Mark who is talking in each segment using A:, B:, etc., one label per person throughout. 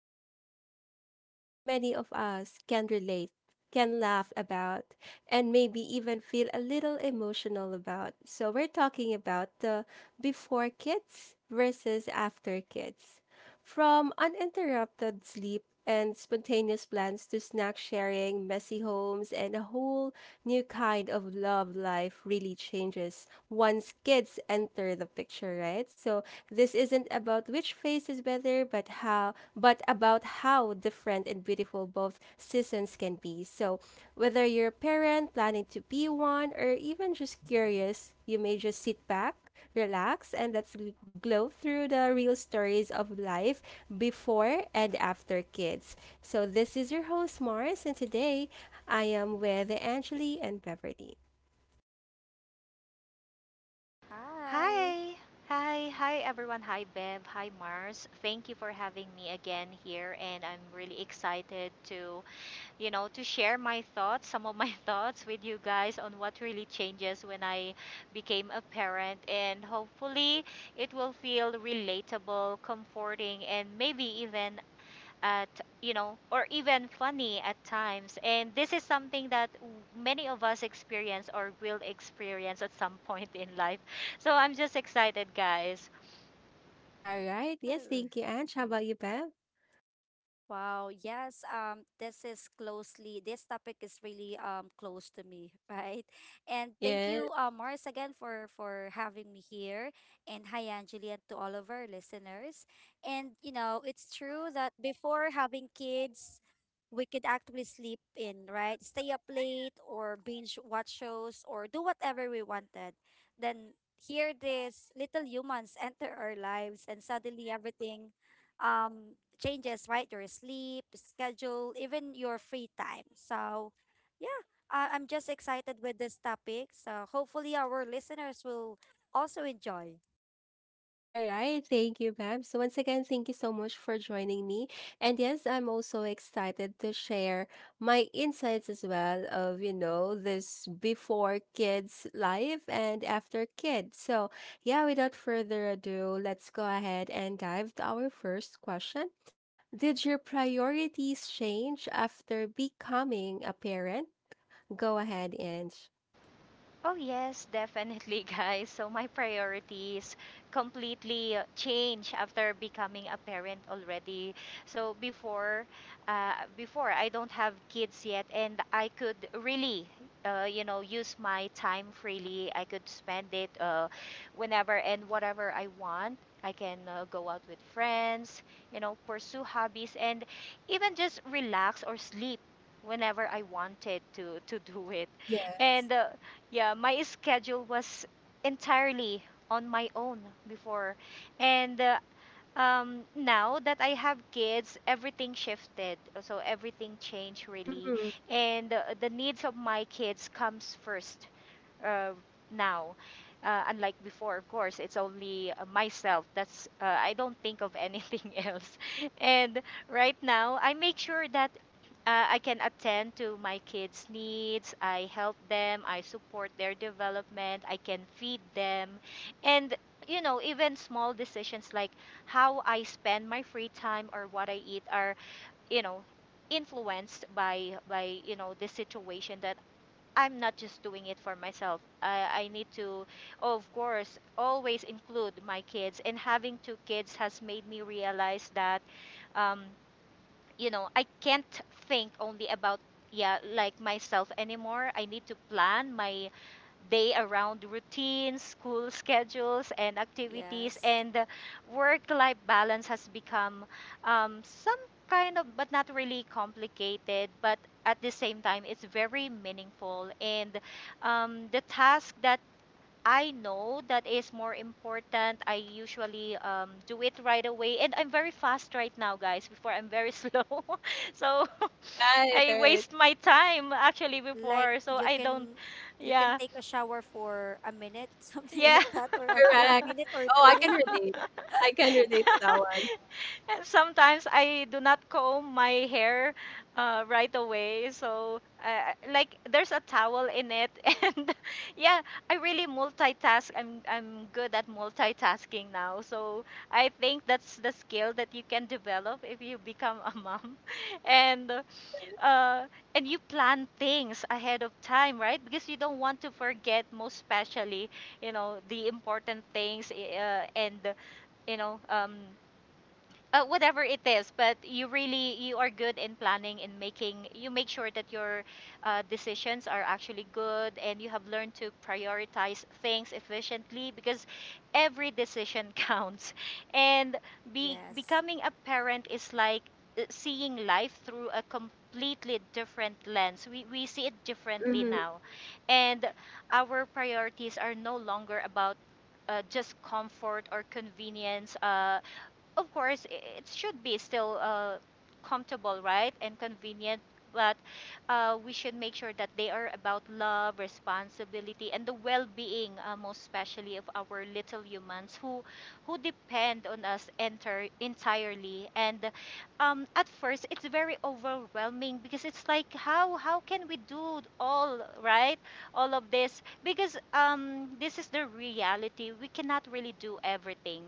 A: episode is something many of us can relate, can laugh about, and maybe even feel a little emotional about. So we're talking about the before kids versus after kids. From uninterrupted sleep and spontaneous plans to snack sharing, messy homes, and a whole new kind of love life really changes once kids enter the picture, right? So this isn't about which phase is better, but about how different and beautiful both seasons can be. So, whether you're a parent planning to be one or even just curious, you may just sit back, relax, and let's glow through the real stories of life before and after kids. So, this is your host, Mars, and today I am with Angeli and Beverly.
B: Hi.
C: Hi. Hi. Hi, everyone. Hi, Bev. Hi, Mars. Thank you for having me again here. And I'm really excited to, to share my thoughts, some of my thoughts with you guys on what really changes when I became a parent. And hopefully, it will feel relatable, comforting, and maybe even at you know or even funny at times, and this is something that many of us experience or will experience at some point in life, so I'm just excited, guys.
A: All right. Yes,
B: Oh.
A: thank you, Ange. How about you, Bev?
B: Wow, yes, this topic is really close to me, right? And thank you, Mars, again for having me here. And hi, Angeli, and to all of our listeners. And it's true that before having kids, we could actually sleep in, right? Stay up late or binge watch shows or do whatever we wanted. Then here, these little humans enter our lives, and suddenly everything um changes, right? Your sleep, schedule, even your free time. So, yeah, I'm just excited with this topic. So, hopefully, our listeners will also enjoy.
A: All right, thank you, Bab. So once again, thank you so much for joining me. And yes, I'm also excited to share my insights as well of, this before kids life and after kids. So, yeah, without further ado, let's go ahead and dive to our first question. Did your priorities change after becoming a parent? Go ahead, and
C: Oh, yes, definitely, guys. So, my priorities completely change after becoming a parent already. So, before I don't have kids yet, and I could really, use my time freely. I could spend it whenever and whatever I want. I can go out with friends, pursue hobbies, and even just relax or sleep whenever I wanted to do it.
A: yeah.
C: And Yeah, my schedule was entirely on my own before. And Now that I have kids, everything shifted. So everything changed really.
A: Mhm.
C: And The needs of my kids comes first uh, now. Unlike before, of course, it's only myself. That's I don't think of anything else. And right now, I make sure that I can attend to my kids' needs. I help them. I support their development. I can feed them, and you know, even small decisions like how I spend my free time or what I eat are, you know, influenced by you know the situation that I'm not just doing it for myself. I need to, of course, always include my kids. And having two kids has made me realize that, um, you know, I can't think only about myself anymore. I need to plan my day around routines, school schedules, and activities.
B: Yes.
C: And work life balance has become some kind of, but not really complicated, but at the same time, it's very meaningful. And the task that I know that is more important, I usually do it right away, and I'm very fast right now, guys. Before I'm very slow, so
A: Right,
C: I
A: right.
C: waste my time actually
B: Like
C: before. So
B: you
C: I don't,
B: can you can
C: yeah,
B: take a shower for a minute, something
C: yeah.
B: like that, or a two
A: Correct.
B: minute or
A: Oh, I can
B: two.
A: relate. I can relate to that one.
C: And sometimes I do not comb my hair right away. So, like, there's a towel in it. And yeah, I really multitask. I'm good at multitasking now. So, I think that's the skill that you can develop if you become a mom. And uh, and you plan things ahead of time, right? Because you don't want to forget, most especially, you know, the important and, you know, whatever it is, but you really, you are good in planning and making, you make sure that your decisions are actually good, and you have learned to prioritize things efficiently, because every decision counts. And be
B: Yes.
C: becoming a parent is like seeing life through a completely different lens. We see it differently
A: Mhm.
C: now, and our priorities are no longer about just comfort or convenience. Of course, i- it should be still comfortable, right, and convenient. But we should make sure that they are about love, responsibility, and the well-being, most especially of our little humans who depend on us enter entirely. And at first, it's very overwhelming because it's like, how can we do all right, all of this? Because this is the reality. We cannot really do everything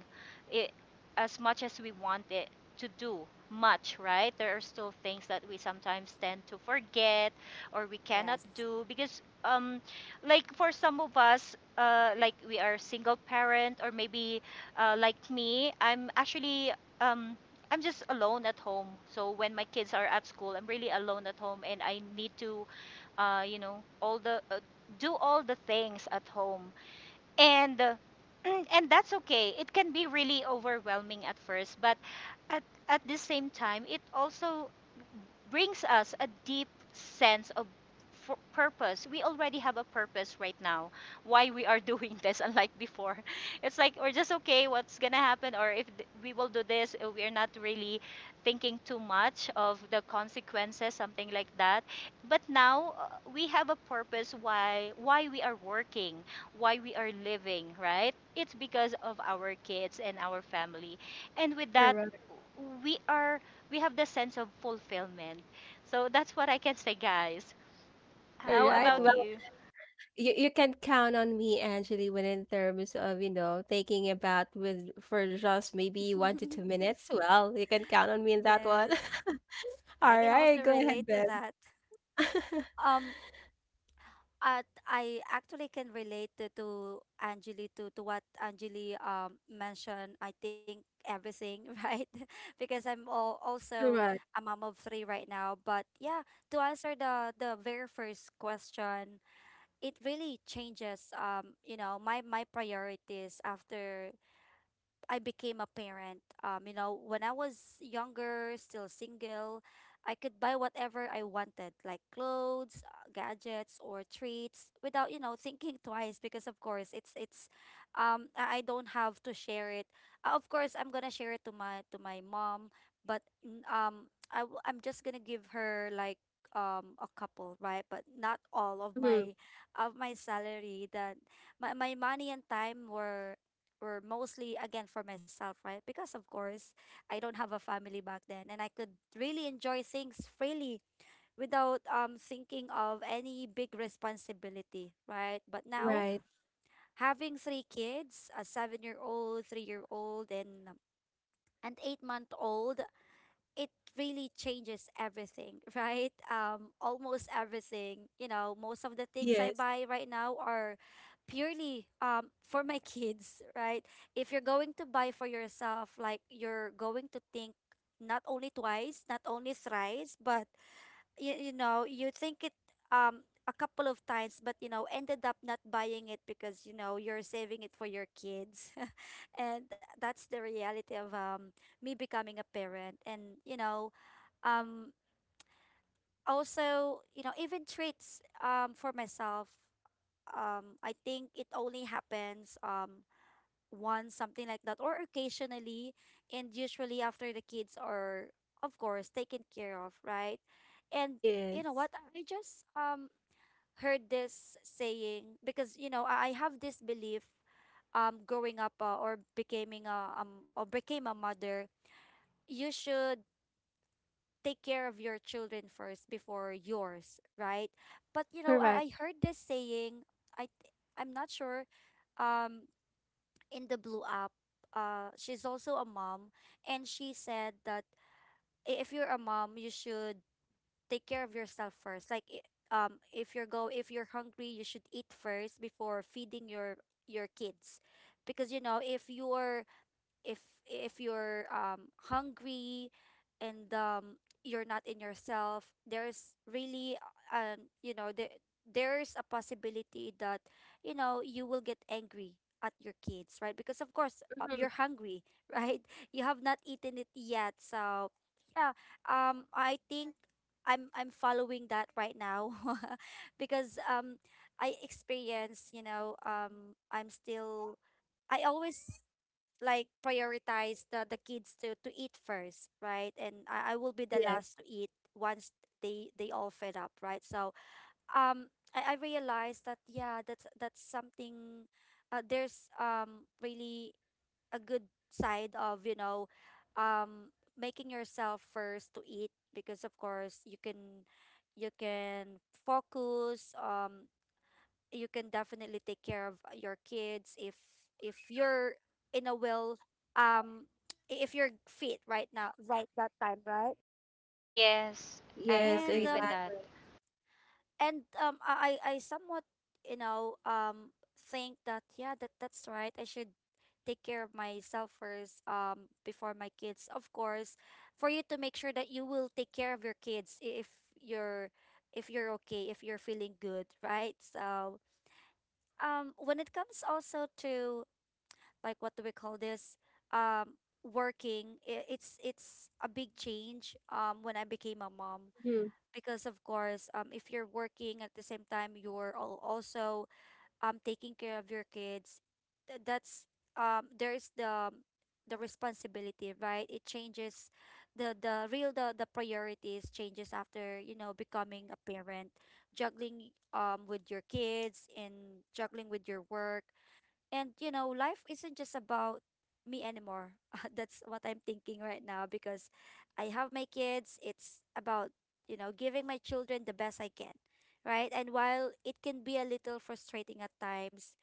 C: i- as much as we want it to do much, right? There are still things that we sometimes tend to forget or we cannot
B: Yes.
C: do because like for some of us, like we are single parent, or maybe like me, I'm actually um I'm just alone at home. So when my kids are at school, I'm really alone at home, and I need to you know all the do all the things at home. And And that's okay, it can be really overwhelming at first, but at at the same time, it also brings us a deep sense of purpose. We already have a purpose right now why we are doing this, unlike before. It's like we're just okay, what's gonna happen, or if we will do this, we're not really thinking too much of the consequences, something like that. But now we have a purpose why we are working, why we are living, right? It's because of our kids and our family, and with that
A: Correct.
C: we are, we have the sense of fulfillment. So that's what I can say, guys.
A: All
C: How
A: right.
C: about
B: Wow.
A: Well,
C: you?
A: you can count on me, Angeli, when in terms of, you know, taking a bath with for just maybe one to two minutes. Well, you can count on me in that one.
B: Yes. I
A: All
B: can
A: right.
B: also
A: Go
B: relate
A: ahead,
B: to
A: Ben.
B: that. Um, I actually can relate to Angeli to what Angeli mentioned. I think everything, right? Because also
A: Correct.
B: a mom of three right now. But yeah, to answer the very first question, it really changes my priorities after I became a parent. When I was younger, still single, I could buy whatever I wanted, like clothes, gadgets, or treats, without thinking twice. Because of course, I don't have to share it. Of course, I'm gonna share it to my mom, but I'm just gonna give her like a couple, right? But not all of
A: Mm-hmm.
B: my of my salary. That my money and time were mostly again for myself, right? Because of course, I don't have a family back then and I could really enjoy things freely without thinking of any big responsibility, right? But now
A: Right.
B: having three kids, a 7-year-old, 3-year-old, and an 8-month-old, it really changes everything, right? Almost everything. Most of the things I
A: Yes.
B: buy right now are purely for my kids, right? If you're going to buy for yourself, like you're going to think not only twice, not only thrice, but you think it a couple of times, but ended up not buying it because you're saving it for your kids. And that's the reality of me becoming a parent. And um also, even treats for myself, I think it only happens once, something like that, or occasionally, and usually after the kids are of course taken care of, right. And
A: Yes.
B: what I just heard this saying, because I have this belief, growing up, or becoming a or became a mother, you should take care of your children first before yours, right? But
A: Correct.
B: I heard this saying. I th- I'm not sure, um in the blue app, she's also a mom, and she said that, if you're a mom, you should take care of yourself first. Like, if you're go if you're hungry, you should eat first before feeding your kids. Because if you're, if if you're hungry, and you're not in yourself, there's really, there there's a possibility that you will get angry at your kids, right? Because of course,
A: Mm-hmm.
B: you're hungry, right, you have not eaten it yet. So yeah, I think I'm following that right now. Because I experience, I'm still, I always like prioritize the kids to eat first, right? And I will be the last
A: Yes.
B: to eat once they all fed up, right? So um I realized that yeah, that's something, there's really a good side of, um making yourself first to eat, because of course you can focus, you can definitely take care of your kids if you're in a well, um if you're fit right now, right, that time, right.
C: Yes, I
A: Yes,
B: And
C: agree with that.
A: exactly.
B: I somewhat you know um think that yeah, that that's right, I should take care of myself first, before my kids, of course, for you to make sure that you will take care of your kids if you're, if you're okay, if you're feeling good, right? So when it comes also to like what do we call this, um working, it's a big change when I became a mom.
A: Mhm.
B: Because of course, if you're working at the same time, you're also taking care of your kids, that's, there is the responsibility, right? It changes the real the priorities changes after becoming a parent, juggling with your kids and juggling with your work. And you know, life isn't just about me anymore. That's what I'm thinking right now because I have my kids. It's about, you know, giving my children the best I can, right? And while it can be a little frustrating at times,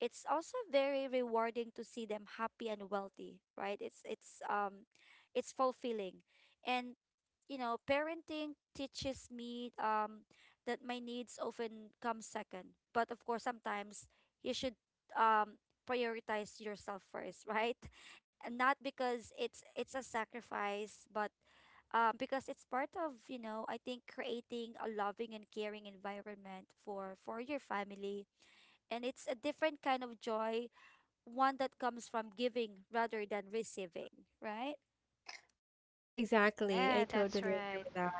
B: it's also very rewarding to see them happy and wealthy, right? It's it's fulfilling. And you know, parenting teaches me that my needs often come second. But of course, sometimes you should um prioritize yourself first, right? And not because it's a sacrifice, but because it's part of, you know, I think creating a loving and caring environment for your family. And it's a different kind of joy, one that comes from giving rather than receiving, right?
A: Exactly. I
C: Yeah,
A: totally
C: that's
A: agree
C: right.
A: with that.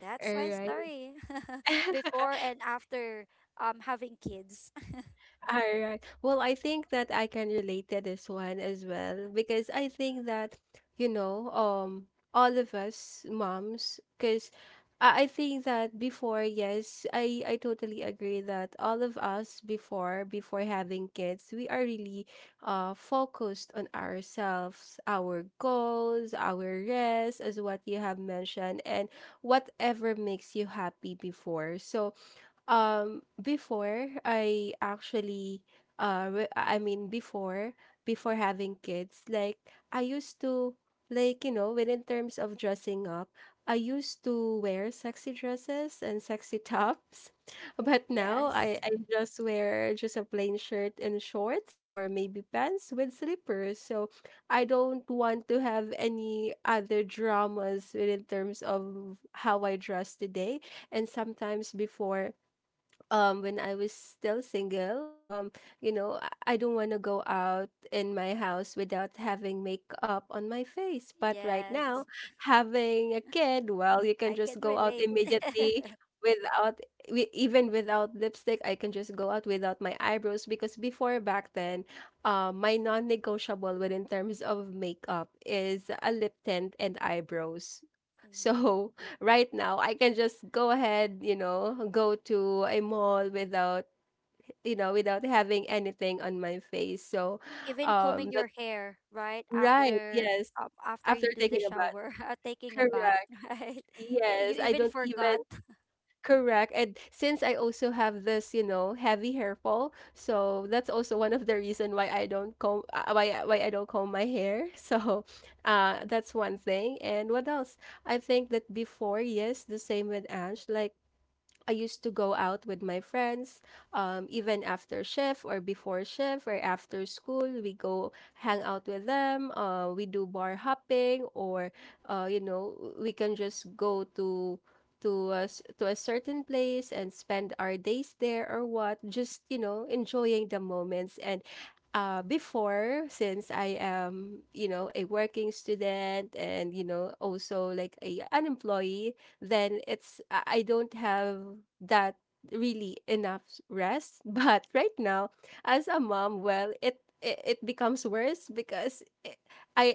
B: That's
A: All
B: my
A: right.
B: story before and after having kids.
A: All right. Well, I think that I can relate to this one as well because I think that, you know, um, all of us moms, because I think that before, yes, I totally agree that all of us before, having kids, we are really focused on ourselves, our goals, our rest, as what you have mentioned, and whatever makes you happy before. So, before I actually, I mean before having kids, like I used to, when in terms of dressing up, I used to wear sexy dresses and sexy tops, but now I
B: Yes.
A: I just wear just a plain shirt and shorts or maybe pants with slippers. So I don't want to have any other dramas when in terms of how I dress today. And sometimes before, when I was still single, I don't want to go out in my house without having makeup on my face. But right now,
B: Yes.
A: having a kid, well, you can
B: I
A: just
B: can
A: go out
B: relate.
A: immediately without, even without lipstick. I can just go out without my eyebrows, because before back then, my non-negotiable within terms of makeup is a lip tint and eyebrows.
B: Mhm.
A: So right now I can just go ahead, go to a mall without, without having anything on my face. So,
B: Even combing
A: that,
B: your hair, right?
A: right,
B: After
A: yes.
B: after
A: After
B: you do the
A: thinking about,
B: shower, taking a bath,
A: correct,
B: right? You
A: yes, I
B: even
A: don't
B: forgot.
A: even, correct. And since I also have this, heavy hair fall, so that's also one of the reason why I don't comb, why I don't comb my hair. So, that's one thing. And what else? I think that before, yes, the same with Ange, like I used to go out with my friends, even after shift or before shift or after school. We go hang out with them. We do bar hopping, or we can just go to to a certain place and spend our days there or what. Just, enjoying the moments and. Before, since I am, a working student and, also like an employee, then it's I don't have that really enough rest. But right now, as a mom, well, it becomes worse, because I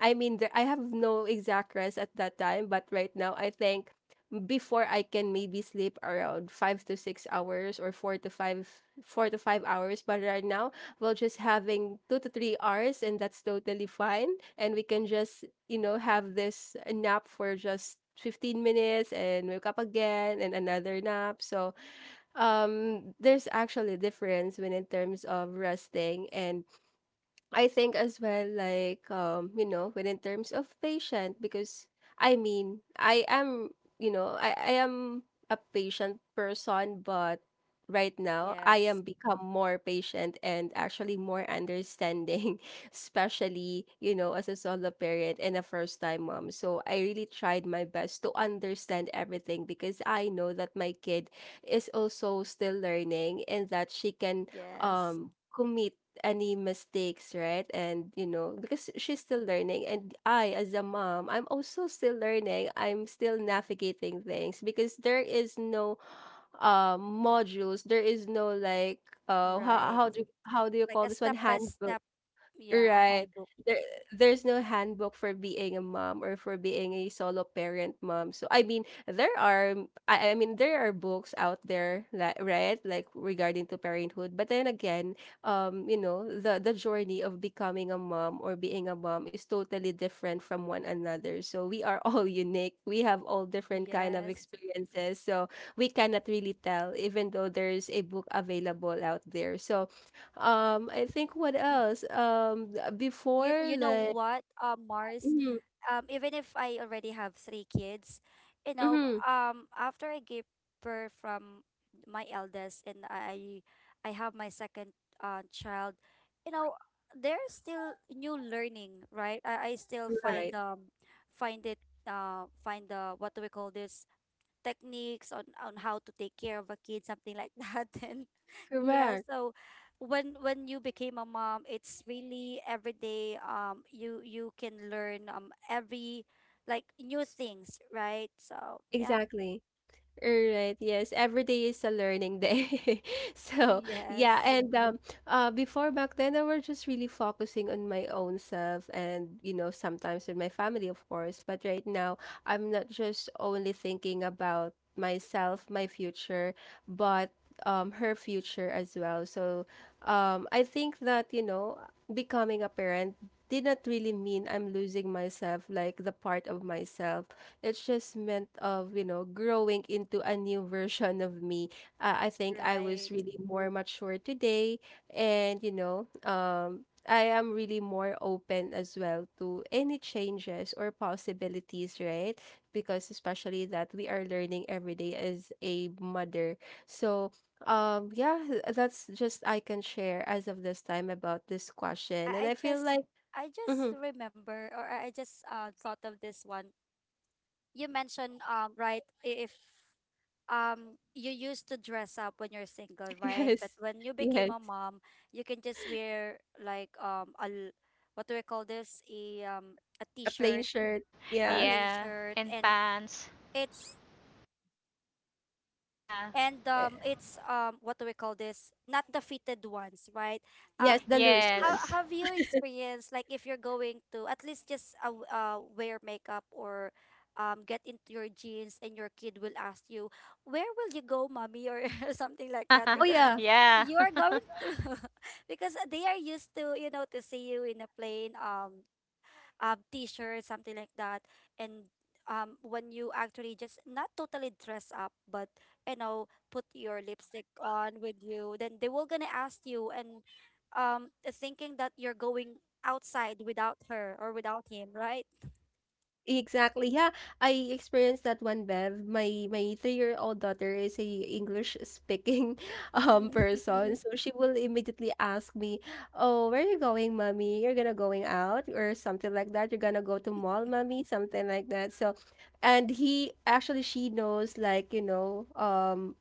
A: I mean, there, I have no exact rest at that time, but right now I think before I can maybe sleep around 5 to 6 hours or four to 5 hours. But right now we're just having 2 to 3 hours and that's totally fine. And we can just, have this nap for just 15 minutes and wake up again and another nap. So, there's actually a difference when in terms of resting. And I think as well, like, when in terms of patient, because I mean, I am, I am a patient person, but right now I am
B: Yes.
A: become more patient and actually more understanding, especially, as a solo parent and a first time mom. So I really tried my best to understand everything because I know that my kid is also still learning and that she can,
B: Yes.
A: commit any mistakes, right? Because she's still learning, and I, as a mom, I'm also still learning. I'm still navigating things because there is no, modules. There is no like, how
B: Right.
A: how do how do you
B: Like
A: call
B: a
A: this one,
B: step by
A: handbook?
B: step, yeah, a
A: Right.
B: handbook.
A: There, there's no handbook for being a mom or for being a solo parent mom. So I mean, there are mm, I mean there are books out there that, right, like regarding to parenthood. But then again, the journey of becoming a mom or being a mom is totally different from one another. So we are all unique. We have all different kind of
B: Yes.
A: experiences. So we cannot really tell, even though there's a book available out there. So, I think what else?
B: You
A: Before,
B: you know
A: like,
B: what, Mars,
A: mm-hmm,
B: even if I already have three kids, you know,
A: mm-hmm,
B: after I gave birth from my eldest, and I have my second child, you know, there's still new learning, right? I still find
A: right,
B: find it, find the what do we call this, techniques on how to take care of a kid, something like that. And yeah,
A: correct,
B: so when you became a mom, it's really every day, you you can learn every like new things, right? So yeah.
A: exactly. Alright, yes, every day is a learning day. So, yeah,
B: Yes,
A: and before back then I was just really focusing on my own self and, sometimes with my family of course, but right now I'm not just only thinking about myself, my future, but, her future as well. So, I think that, becoming a parent did not really mean I'm losing myself, like the part of myself. It's just meant of, growing into a new version of me. I think I was
B: right.
A: really more mature today and, I am really more open as well to any changes or possibilities, right? Because especially that we are learning every day as a mother. So, yeah, that's just I can share as of this time about this question. And
B: I
A: I feel
B: just,
A: like.
B: I just
A: Mhm.
B: remember, or I just thought of this one you mentioned, right, if you used to dress up when you're single, right? But
A: Yes.
B: when you became
A: Yes,
B: a mom, you can just wear like what do I call this? A
A: a plain
B: t-shirt,
A: shirt.
B: a
A: Yeah.
B: plain
C: Yeah.
B: shirt,
C: And pants.
B: it's
C: Yeah.
B: and
A: eh,
B: it's what do we call this, not the fitted ones, right?
A: Yes,
B: um
A: the loose
B: how
A: one.
C: Yes.
B: have you experienced, like if you're going to at least just wear makeup or get into your jeans and your kid will ask you, where will you go, mommy, or something like that?
A: Oh
B: Because
A: yeah,
C: Yeah.
B: you are going to, because they are used to, you know, to see you in a plain t-shirt, something like that. And when you actually just not totally dress up, but you know, put your lipstick on with you, then they will gonna ask you, and thinking that you're going outside without her or without him, right?
A: exactly. Yeah, I experienced that one, Bev. My 3-year-old daughter is a English speaking
B: Mm,
A: person, so she will immediately ask me, "Oh, where are you going, mommy? You're gonna going out or something like that. You're gonna go to mall, mommy, something like that." So, and he actually she knows,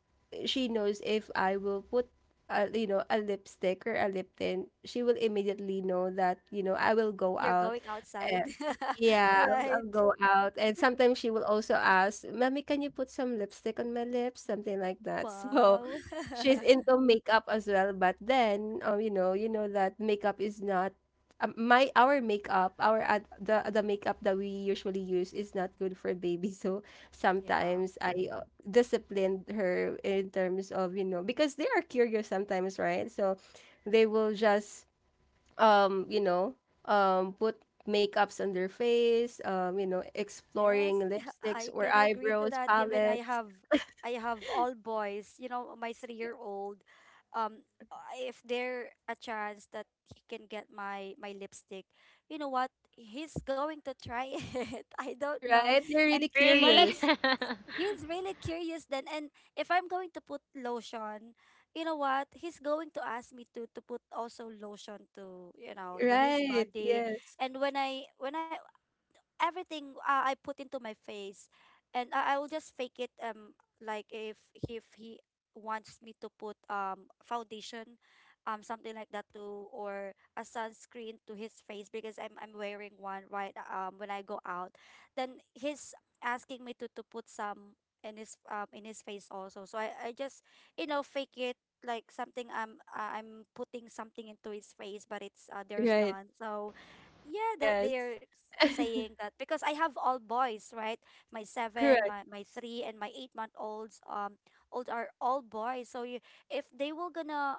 A: she knows if I will put a, you know a lipstick or a lip tint, she will immediately know that, I will go
B: You're
A: out.
B: going outside.
A: And, yeah,
B: Right.
A: I'll go out. And sometimes she will also ask, "Mommy, can you put some lipstick on my lips?" Something like that. So
B: Wow.
A: she's into makeup as well. But then, you know that makeup is not, my our makeup, the makeup that we usually use is not good for baby. So
B: Yeah.
A: sometimes I, disciplined her in terms of, because they are curious sometimes, right? So they will just, um, you know, put makeups on their face,
B: Yes,
A: exploring
B: I
A: lipsticks or
B: can agree to
A: eyebrows,
B: that. Even
A: palettes,
B: I have all boys. You know, my 3-year-old. Um, if there a chance that he can get my lipstick, you know what? He's going to try it. I don't know.
A: right? They're
B: And
A: really
B: while
C: Really.
B: I'm,
A: curious,
B: he's really curious then. And if I'm going to put lotion, you know what? He's going to ask me to put also lotion to, you know, to his
A: right?
B: body.
A: Yes,
B: And when I, everything, I put into my face, and I will just fake it. Like if he wants me to put foundation, something like that too, or a sunscreen to his face, because I'm wearing one, right, when I go out, then he's asking me to put some in his face also. So I just, you know, fake it, like something I'm, putting something into his face, but it's, there's
A: right,
B: none. So yeah, that
A: yes,
B: they're saying that because I have all boys, right? My seven,
A: correct.
B: my three, and my 8 month olds old are all boys. So you, if they were gonna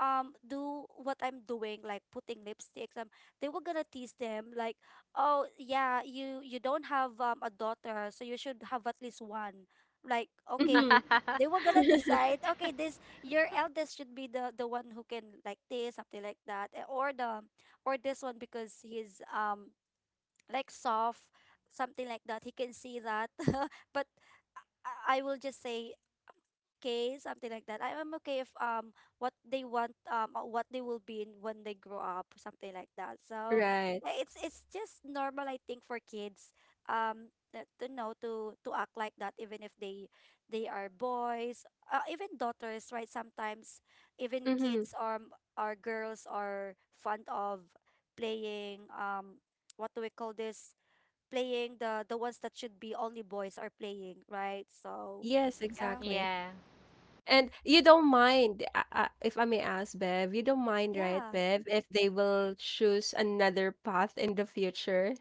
B: do what I'm doing, like putting lipsticks, they were gonna tease them like, oh yeah, you don't have a daughter, so you should have at least one. Like,
A: Mm-hmm.
B: okay. They were gonna decide, okay, this your eldest should be the one who can like this, something like that, or the or this one because he's like soft, something like that. He can see that. But I will just say okay, something like that. I am okay if what they want or what they will be in when they grow up, something like that. So
A: Right.
B: yeah, it's just normal, I think, for kids to know to act like that even if they are boys, even daughters, right? Sometimes even
A: Mm-hmm.
B: kids or girls are fond of playing, what do we call this, playing the ones that should be only boys are playing, right? So
A: Yes,
B: yeah.
A: exactly.
C: Yeah.
A: And you don't mind, if I may ask, Bev, you don't mind, right,
B: Yeah.
A: Bev, if they will choose another path in the future?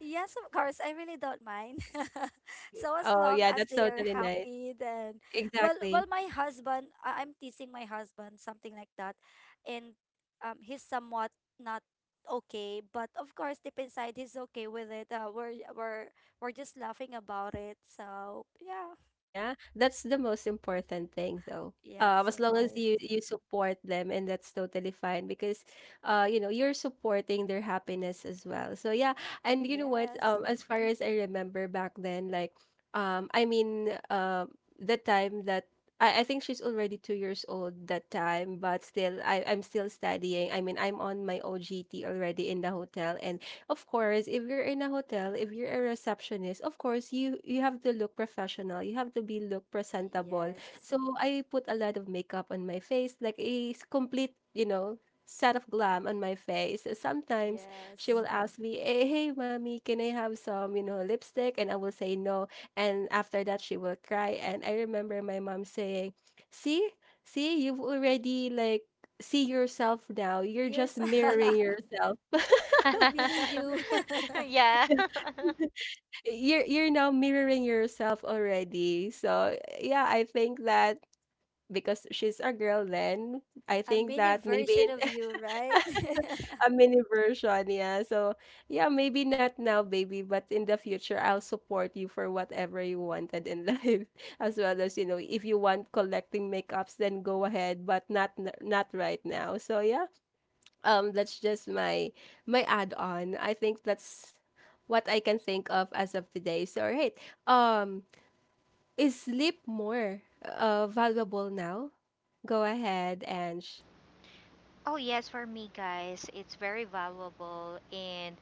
B: Yes, of course. I really don't mind. So as
A: Oh,
B: long
A: yeah,
B: as
A: that's
B: they are
A: totally nice.
B: happy, then well,
A: Exactly.
B: well, my husband, I'm teasing my husband, something like that. And he's somewhat not okay. But of course, deep inside, he's okay with it. We're just laughing about it. So yeah,
A: Yeah, that's the most important thing though.
B: yes,
A: As
B: of
A: long as
B: course.
A: you support them and that's totally fine, because you're supporting their happiness as well. So yeah, and you know what,
B: Yes,
A: as far as I remember back then, like, I mean, the time that, I think she's already 2 years old that time, but still I'm still studying. I mean I'm on my OGT already in the hotel. And of course, if you're in a hotel, if you're a receptionist, of course you have to look professional. You have to be look presentable.
B: yes,
A: So I put a lot of makeup on my face, like a, complete, set of glam on my face. So sometimes she
B: yes.
A: will ask me, "Hey, hey, mommy, can I have some lipstick?" And I will say no. And after that, she will cry. And I remember my mom saying, "See, see, you've already like." See yourself now. You're just
B: There's
A: mirroring yourself.
B: a mini you,
C: Yeah.
A: You're now mirroring yourself already. So yeah, I think that because she's a girl then, I
B: a
A: think
B: mini
A: that maybe
B: version
A: in
B: of you, right?
A: a mini version, yeah. So yeah, maybe not now, baby, but in the future I'll support you for whatever you wanted in life. As well as, you know, if you want collecting makeups, then go ahead, but not right now. So yeah, that's just my add on. I think that's what I can think of as of today. So all right. um is sleep more valuable now? Go ahead and
C: Oh yes, for me, guys, it's very valuable. And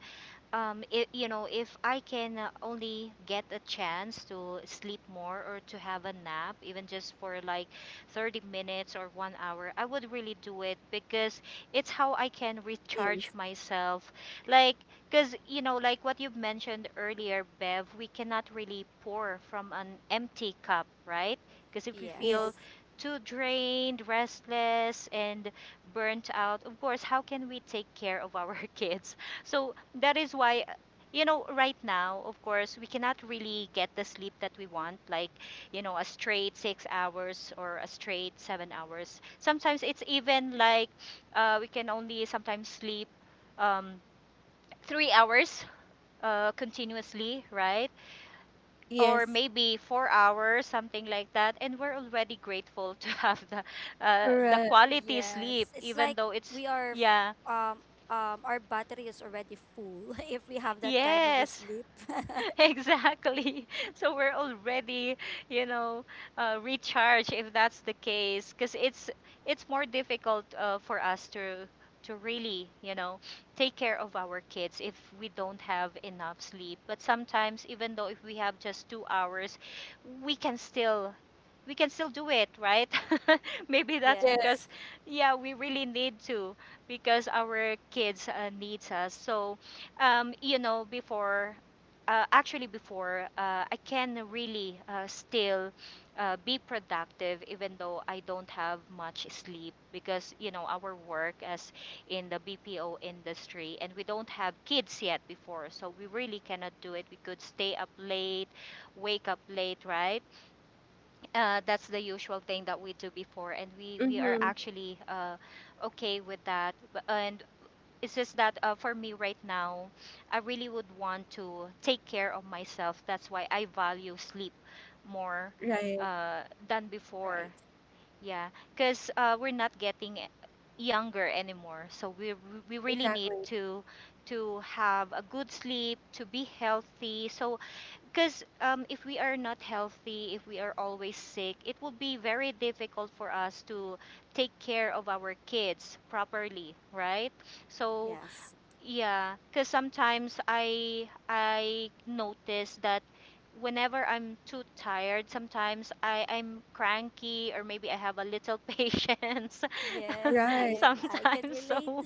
C: it, you know, if I can only get a chance to sleep more or to have a nap even just for like 30 minutes or 1 hour, I would really do it, because it's how I can recharge
A: yes,
C: myself. Like, cuz you know, like what you've mentioned earlier, Bev, we cannot really pour from an empty cup, right? Because if we feel
B: Yes.
A: yes,
C: too drained, restless, and burnt out, of course, how can we take care of our kids? So that is why, you know, right now, of course, we cannot really get the sleep that we want, like, you know, a straight 6 hours or a straight 7 hours. Sometimes it's even like we can only sometimes sleep um, 3 hours continuously, right? Or
A: yes,
C: maybe 4 hours, something like that, and we're already grateful to have the
A: correct,
C: quality sleep,
B: Yes. It's
C: even
B: like
C: though it's
B: we are f-
C: yeah,
B: our battery is already full if we have that kind of a
C: yes,
B: sleep.
C: exactly. So we're already, you know, recharged if that's the case, because it's more difficult for us to really, you know, take care of our kids if we don't have enough sleep. But sometimes, even though if we have just 2 hours, we can still, we can still do it, right? Maybe that's
A: yeah.
C: because,
B: Yes.
C: yeah, we really need to, because our kids needs us. So, you know, before actually before I can really still be productive even though I don't have much sleep because you know our work as in the BPO industry, and we don't have kids yet before, so we really cannot do it. We could stay up late, wake up late, right? That's the usual thing that we do before, and we are
A: Mm-hmm.
C: actually okay with that, but, and it's just that for me right now, I really would want to take care of myself. That's why I value sleep more
A: Right,
C: uh, than before.
B: Right.
C: Yeah, because we're not getting younger anymore, so we really need
A: exactly,
C: to have a good sleep, to be healthy. So, because if we are not healthy, if we are always sick, it will be very difficult for us to take care of our kids properly, right? So
B: Yes.
C: yeah, because sometimes I notice that whenever I'm too tired, sometimes I'm cranky, or maybe I have a little patience
B: Yes,
A: right.
B: I can
C: sometimes.
B: relate.
C: So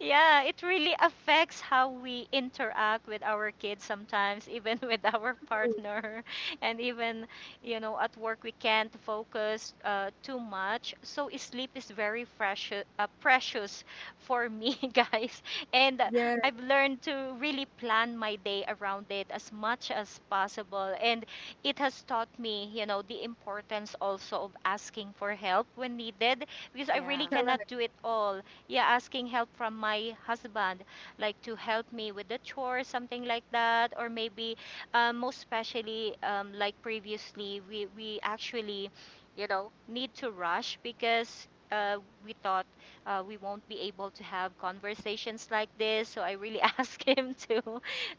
C: yeah, it really affects how we interact with our kids sometimes, even with our
A: Mm.
C: partner. And even, you know, at work, we can't focus too much. So sleep is very precious, precious for me, guys. And
A: Yeah,
C: I've learned to really plan my day around it as much as possible. And it has taught me, you know, the importance also of asking for help when needed, because I really
B: Yeah.
C: cannot
A: correct,
C: do it all. Yeah, asking help from my husband, like to help me with the chores, something like that, or maybe most especially like previously we actually, you know, need to rush because we thought we won't be able to have conversations like this, so I really asked him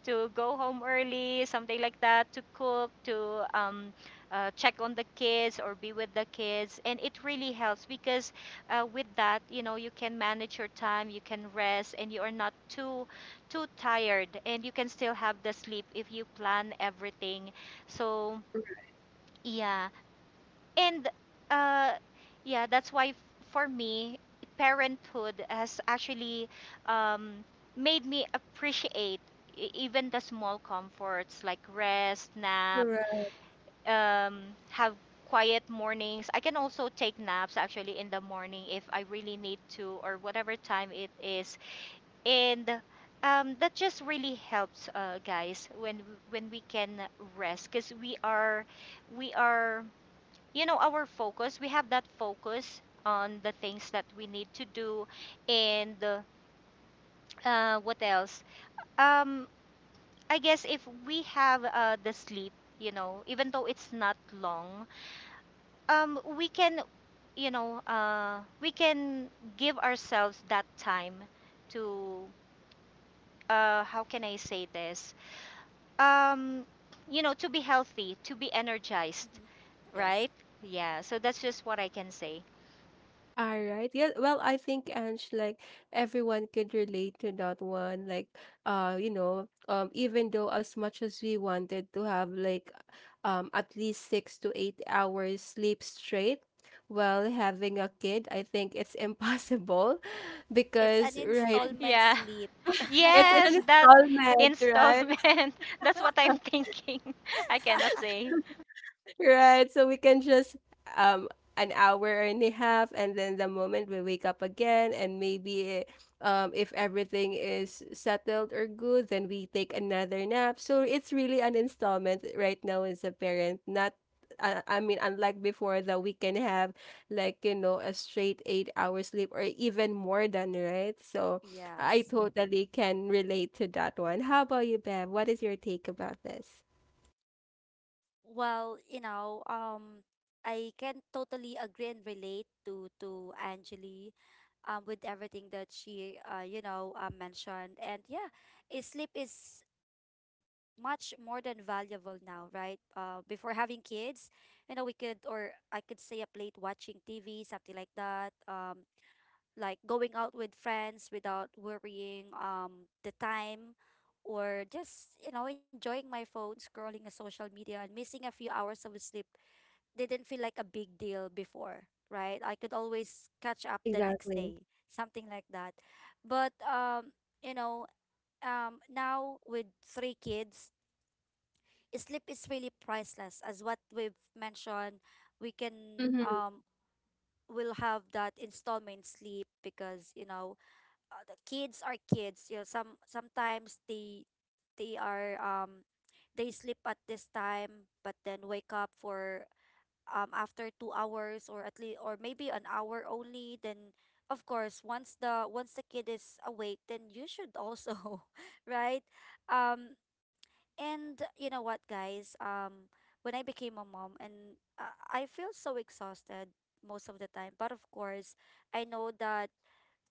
C: to go home early, something like that, to cook, to check on the kids or be with the kids, and it really helps because with that you know you can manage your time, you can rest, and you are not too tired, and you can still have the sleep if you plan everything. So
A: correct.
C: yeah. and uh yeah, that's why for me parenthood has actually um made me appreciate even the small comforts like rest, nap,
A: Correct.
C: um, have quiet mornings. I can also take naps actually in the morning if I really need to, or whatever time it is. And that just really helps, guys, when we can rest, because we are you know our focus. We have that focus on the things that we need to do. And what else um I guess if we have the sleep, you know, even though it's not long, we can, you know, we can give ourselves that time to, how can I say this, um you know, to be healthy, to be energized,
B: Hmm. Yes.
C: right? Yeah, so that's just what I can say.
A: All right. Yeah. Well, I think Ange, like everyone could relate to that one. Like, you know, even though as much as we wanted to have, like, at least 6 to 8 hours sleep straight, while having a kid, I think it's impossible,
B: It's an
A: because right,
B: installment
C: Yeah.
B: sleep.
A: it's in an
C: Yes, that.
A: installment, right?
C: Installment. That's what I'm thinking. I cannot say.
A: Right. So we can just um an hour and a half, and then the moment we wake up again and maybe if everything is settled or good, then we take another nap. So it's really an installment right now as a parent, not I mean, unlike before that we can have, like, you know, a straight 8 hour sleep or even more than, right? So I
B: Yes.
A: totally can relate to that one. How about you, Bev? What is your take about this?
B: Well, you know, I can totally agree and relate to Angeli, with everything that she, mentioned. And yeah, sleep is much more than valuable now, right? Before having kids, you know, we could or I could stay up late watching TV, something like that. Like going out with friends without worrying the time, or just, you know, enjoying my phone, scrolling a social media, and missing a few hours of sleep didn't feel like a big deal before, right? I could always catch up the next
A: Exactly.
B: day, something like that. But you know now with three kids, sleep is really priceless, as what we've mentioned. We can
A: Mm-hmm.
B: will have that installment sleep, because you know, the kids are kids. You know, sometimes they are they sleep at this time, but then wake up for after 2 hours, or at least, or maybe an hour only. Then, of course, once the kid is awake, then you should also, right? Um and you know what, guys? When I became a mom, and I feel so exhausted most of the time. But of course, I know that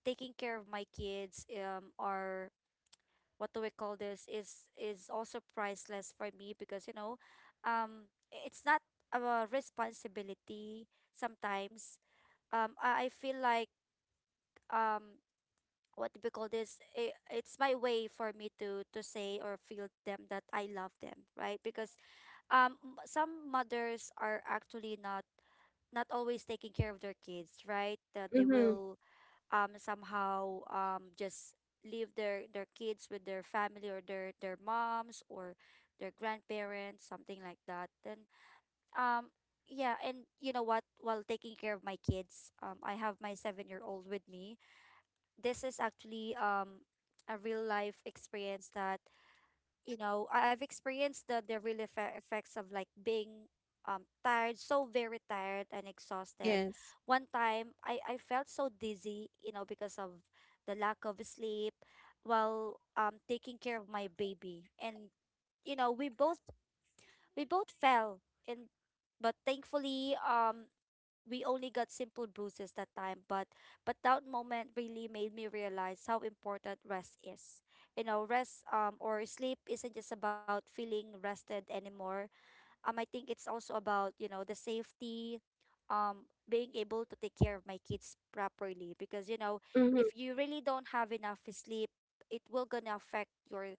B: taking care of my kids, or what do we call this, is also priceless for me, because you know, it's not a responsibility sometimes. I feel like, um what do we call this, I it's my way for me to say or feel them that I love them, right? Because some mothers are actually not always taking care of their kids, right? That they
A: Mm-hmm.
B: will somehow just leave their kids with their family, or their moms, or their grandparents, something like that. Then um yeah. And you know what, while taking care of my kids, I have my 7 year old with me. This is actually a real life experience that, you know, I've experienced the real effects of like being tired, so very tired and exhausted.
A: Yes.
B: One time, I felt so dizzy, you know, because of the lack of sleep while taking care of my baby. And you know, we both fell. And But thankfully, we only got simple bruises that time. But that moment really made me realize how important rest is. You know, rest, or sleep isn't just about feeling rested anymore. I think it's also about, you know, the safety, being able to take care of my kids properly, because you know,
A: Mhm.
B: if you really don't have enough sleep, it will gonna affect your,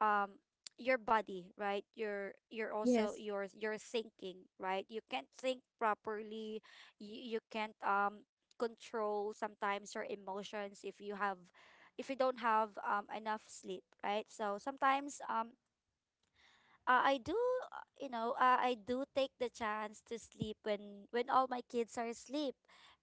B: um your body, right? Your also
A: Yes.
B: your thinking, right? You can't think properly. You can't, control sometimes your emotions if you don't have enough sleep, right? So sometimes, I do, I do take the chance to sleep when all my kids are asleep,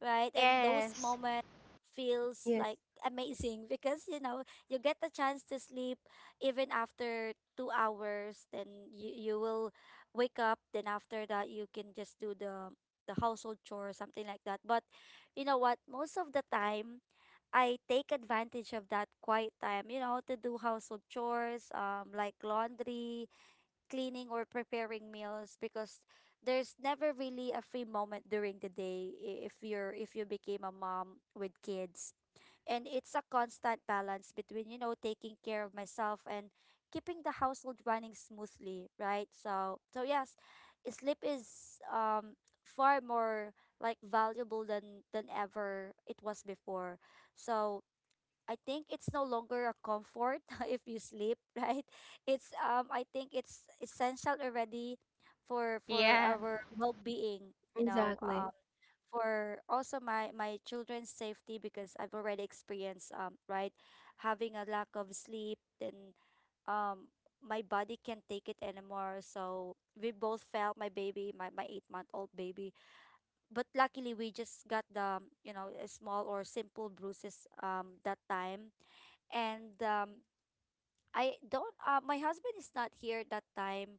B: right? And those
C: Yes.
B: moments feels
A: Yes.
B: like amazing because you know, you get the chance to sleep even after 2 hours. Then you will wake up. Then after that, you can just do the household chore, something like that. But you know what? Most of the time, I take advantage of that quiet time, you know, to do household chores, like laundry, cleaning, or preparing meals, because there's never really a free moment during the day, if you're, if you became a mom with kids. And it's a constant balance between, you know, taking care of myself and keeping the household running smoothly, right? So yes, sleep is far more like valuable than ever it was before. So I think it's no longer a comfort if you sleep, right? It's I think it's essential already, for
C: Yeah.
B: our well-being, you know,
A: Exactly.
B: for also my children's safety, because I've already experienced, right, having a lack of sleep, then um my body can't take it anymore, so we both felt. My baby, my 8 month old baby, but luckily we just got the, you know, a small or simple bruises that time. And I don't, my husband is not here that time.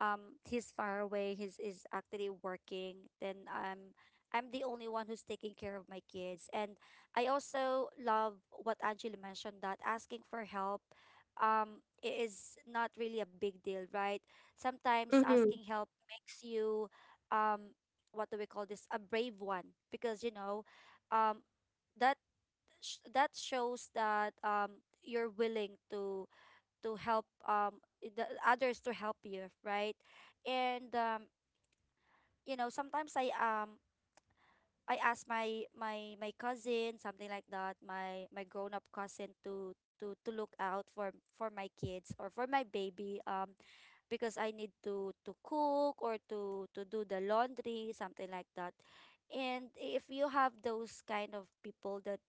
B: He's far away. He's is actually working. Then I'm the only one who's taking care of my kids. And I also love what Angela mentioned, that asking for help is not really a big deal, right? Sometimes
A: Mhm.
B: asking help makes you, um what do we call this? A brave one, because you know, um that that shows that you're willing to help, the others to help you, right? And you know, sometimes I ask my cousin, something like that, my grown-up cousin to to look out for my kids, or for my baby, because I need to cook, or to do the laundry, something like that. And if you have those kind of people that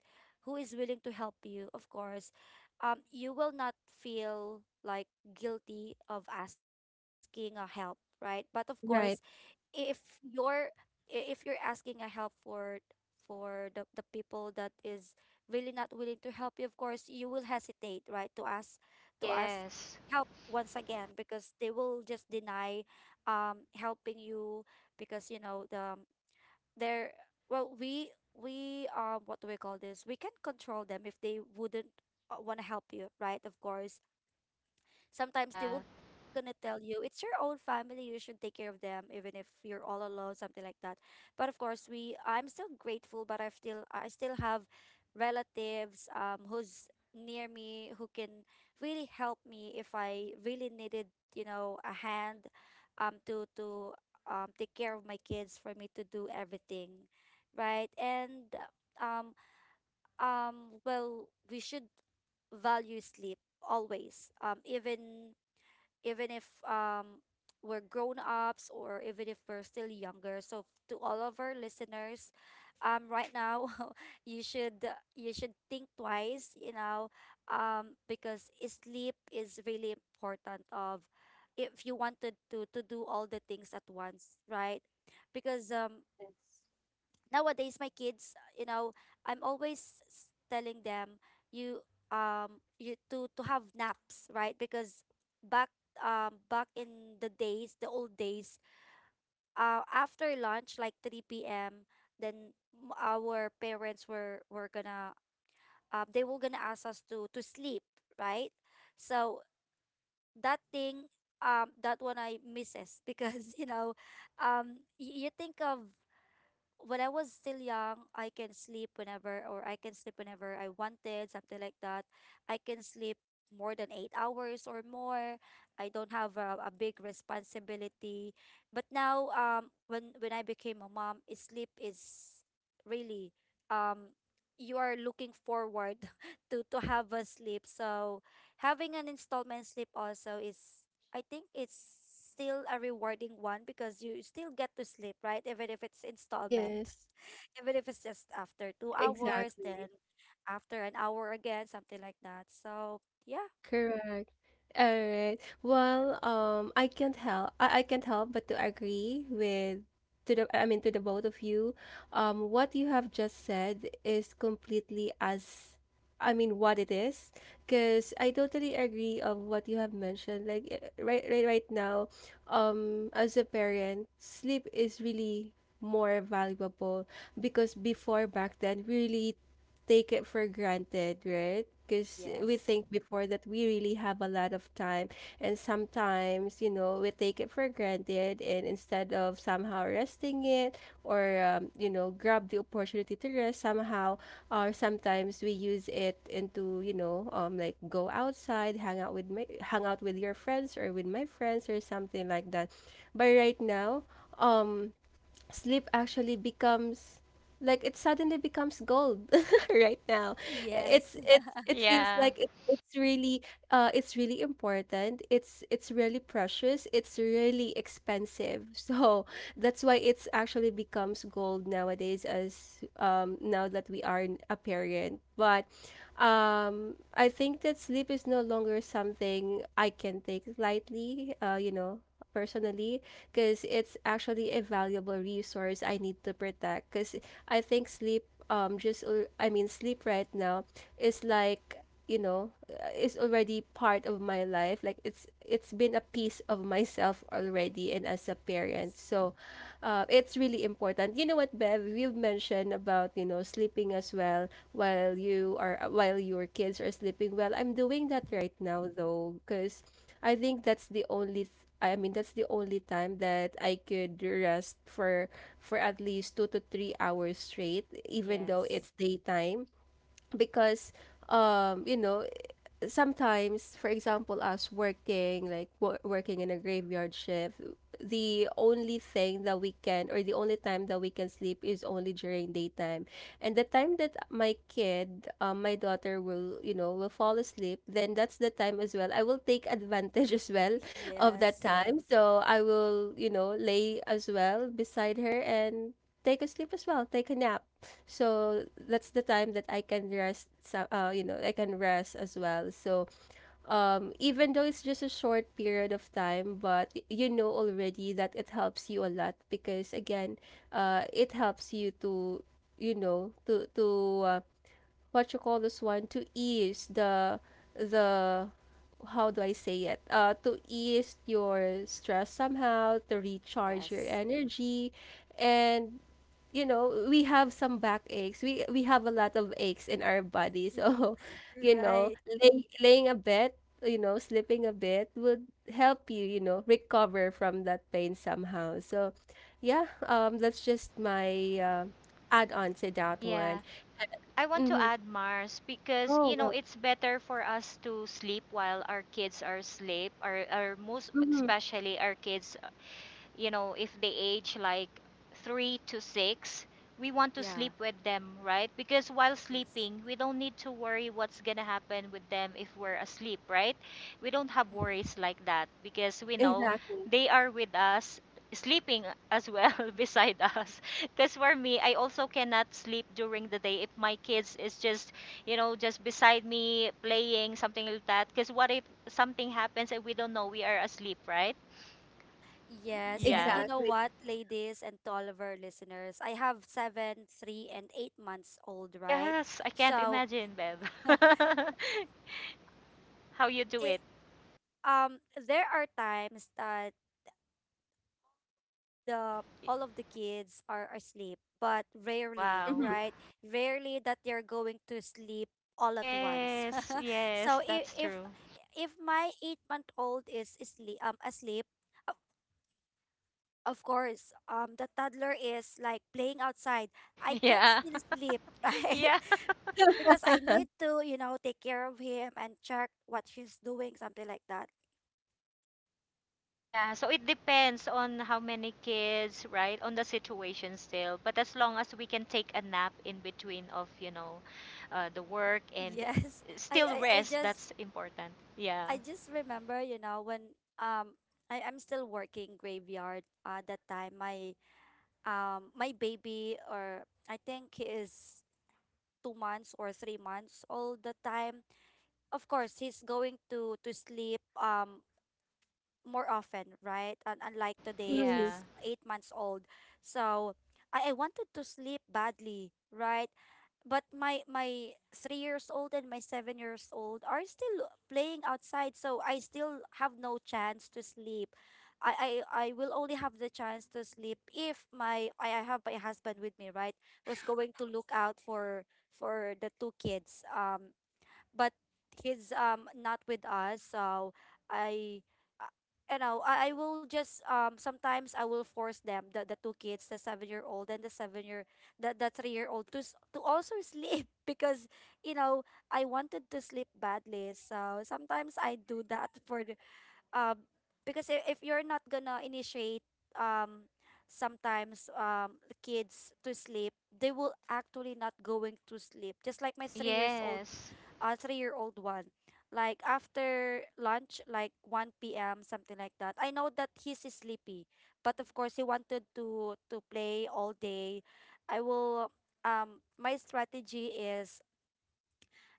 B: who is willing to help you, of course, you will not feel like guilty of asking a help, right? But of course,
A: Right.
B: if you're if you're asking a help for the people that is really not willing to help you, of course you will hesitate, right, to ask to ask
C: Yes.
B: help once again, because they will just deny, helping you. Because you know, they're, well we we what do we call this, we can control them if they wouldn't want to help you, right? Of course, sometimes they will
C: Yeah.
B: gonna tell you it's your own family, you should take care of them even if you're all alone, something like that. But of course, we I'm still grateful. But I still, have relatives, who's near me, who can really help me if I really needed, you know, a hand to take care of my kids, for me to do everything, right. And um well, we should value sleep always, even if we're grown ups, or even if we're still younger. So to all of our listeners, right now, you should you should think twice, you know, because sleep is really important of, if you wanted to do all the things at once, right? Because,
A: Yes.
B: nowadays my kids, you know, I'm always telling them, you you to have naps, right? Because back back in the days, the old days, after lunch, like 3 p.m. Then our parents were gonna, they were gonna ask us to sleep, right? So that thing, that one I misses, because you know, you think of when I was still young, I can sleep whenever, or I can sleep whenever I wanted, something like that. I can sleep more than 8 hours or more. I don't have a big responsibility. But now, when I became a mom, sleep is really, um you are looking forward to have a sleep. So having an installment sleep also is I think it's still a rewarding one because you still get to sleep, right? Even if it's installment,
A: Yes.
B: even if it's just after 2 hours,
A: Exactly.
B: then after an hour again, something like that. So, yeah,
A: Correct. All right. Well, I can't help. I can't help but to agree with to the. I mean, to the both of you. What you have just said is completely as. I mean, what it is, because I totally agree of what you have mentioned. Like right now, as a parent, sleep is really more valuable because before, back then, we really take it for granted, right? Because we
B: yes,
A: think before that we really have a lot of time, and sometimes we take it for granted, and instead of somehow resting it, or grab the opportunity to rest somehow, or sometimes we use it into, like, go outside, hang out with your friends or with my friends or something like that. But right now, um, sleep actually becomes, like, it suddenly becomes gold. Right now,
B: yes,
A: it feels
C: Yeah.
A: like it. It's really important. It's really precious. It's really expensive. So that's why it's actually becomes gold nowadays, as now that we are a parent. But I think that sleep is no longer something I can take lightly, personally, because it's actually a valuable resource I need to protect. Because I think sleep, just I mean, sleep right now is like, is already part of my life, like, it's been a piece of myself already, and as a parent.
B: yes,
A: So it's really important. You know what, Bev, you've mentioned about sleeping as well while you are while your kids are sleeping. Well, I'm doing that
B: mhm,
A: right now though, because I think that's the only I mean, that's the only time that I could rest for at least 2 to 3 hours straight, even though
B: yes,
A: it's daytime, because um you know sometimes, for example, us working, like working in a graveyard shift, the only thing that we can, or the only time that we can sleep is only during daytime. And the time that my kid, my daughter will fall asleep, then that's the time as well. I will take advantage as well of that
B: yes,
A: time. So I will, lay as well beside her and take a sleep as well, take a nap. So that's the time that I can rest. So, I can rest as well. So even though it's just a short period of time, but you know already that it helps you a lot, because again, it helps you to you know to to uh, what you call this one, to ease the How do I say it? To ease your stress somehow, to recharge your
B: yes,
A: energy, and we have some back aches. We have a lot of aches in our body. So, you know,
B: right,
A: laying a bit, sleeping a bit would help you recover from that pain somehow. So, yeah, that's just my add on to that
C: Yeah.
A: one.
C: I want to
A: Mm-hmm.
C: add Mars because,
A: Go,
C: you know,
A: go.
C: it's better for us to sleep while our kids are asleep, or most
A: Mm-hmm.
C: especially our kids, you know, if they age like three to six, we want to
B: yeah,
C: sleep with them, right? Because while
B: yes.
C: sleeping, we don't need to worry what's gonna happen with them if we're asleep, right? We don't have
B: Mhm.
C: worries like that because we know
A: Exactly.
C: they are with us sleeping as well beside us, because for me I also cannot sleep during the day if my kids is just, you know, just beside me playing something like that, because what if something happens and we don't know, we are asleep, right?
B: Yes, and
C: Yeah.
B: you know
A: Exactly.
B: what, ladies and to all of our listeners, I have 7, 3, and 8 months old, right?
C: Yes, I can't
B: So
C: imagine, Bev. How you do
B: it,
C: it.
B: there are times that the all of the kids are asleep, but rarely,
C: Wow.
A: Mm-hmm.
B: right? Rarely that they're going to sleep all at once.
C: Yes,
B: so
C: yes, that's true.
B: if my 8 month old is asleep, of course the toddler is like playing outside, I can't
C: Yeah.
B: still sleep, right?
C: Yeah.
B: Because I need to, you know, take care of him and check what he's doing, something like that.
C: Yeah, so it depends on how many kids, right? On the situation still. But as long as we can take a nap in between of, you know, the work and
B: Yes, I,
C: still
B: I, I
C: rest,
B: just
C: that's important. Yeah.
B: I just remember, you know, when I am still working graveyard that time my my baby, or I think he is 2 months or 3 months all the time. Of course he's going to sleep more often, right? And unlike today,
C: Yeah.
B: he's 8 months old. So I wanted to sleep badly, right? But my 3 years old and my 7 years old are still playing outside, so I still have no chance to sleep. I will only have the chance to sleep if my I have my husband with me, right? Was going to look out for the two kids. But he's not with us, so I uh, you know, I will just, sometimes I will force them, the two kids, the 7 year old and the 7 year, the 3 year old, to also sleep, because you know, I wanted to sleep badly, so sometimes I do that for the, um because if you're not gonna initiate um sometimes the kids to sleep, they will actually not going to sleep, just like my 3 years old,
C: Yes.
B: a three-year-old one. Like after lunch, like 1 p.m., something like that. I know that he's sleepy, but of course he wanted to play all day. I will, my strategy is,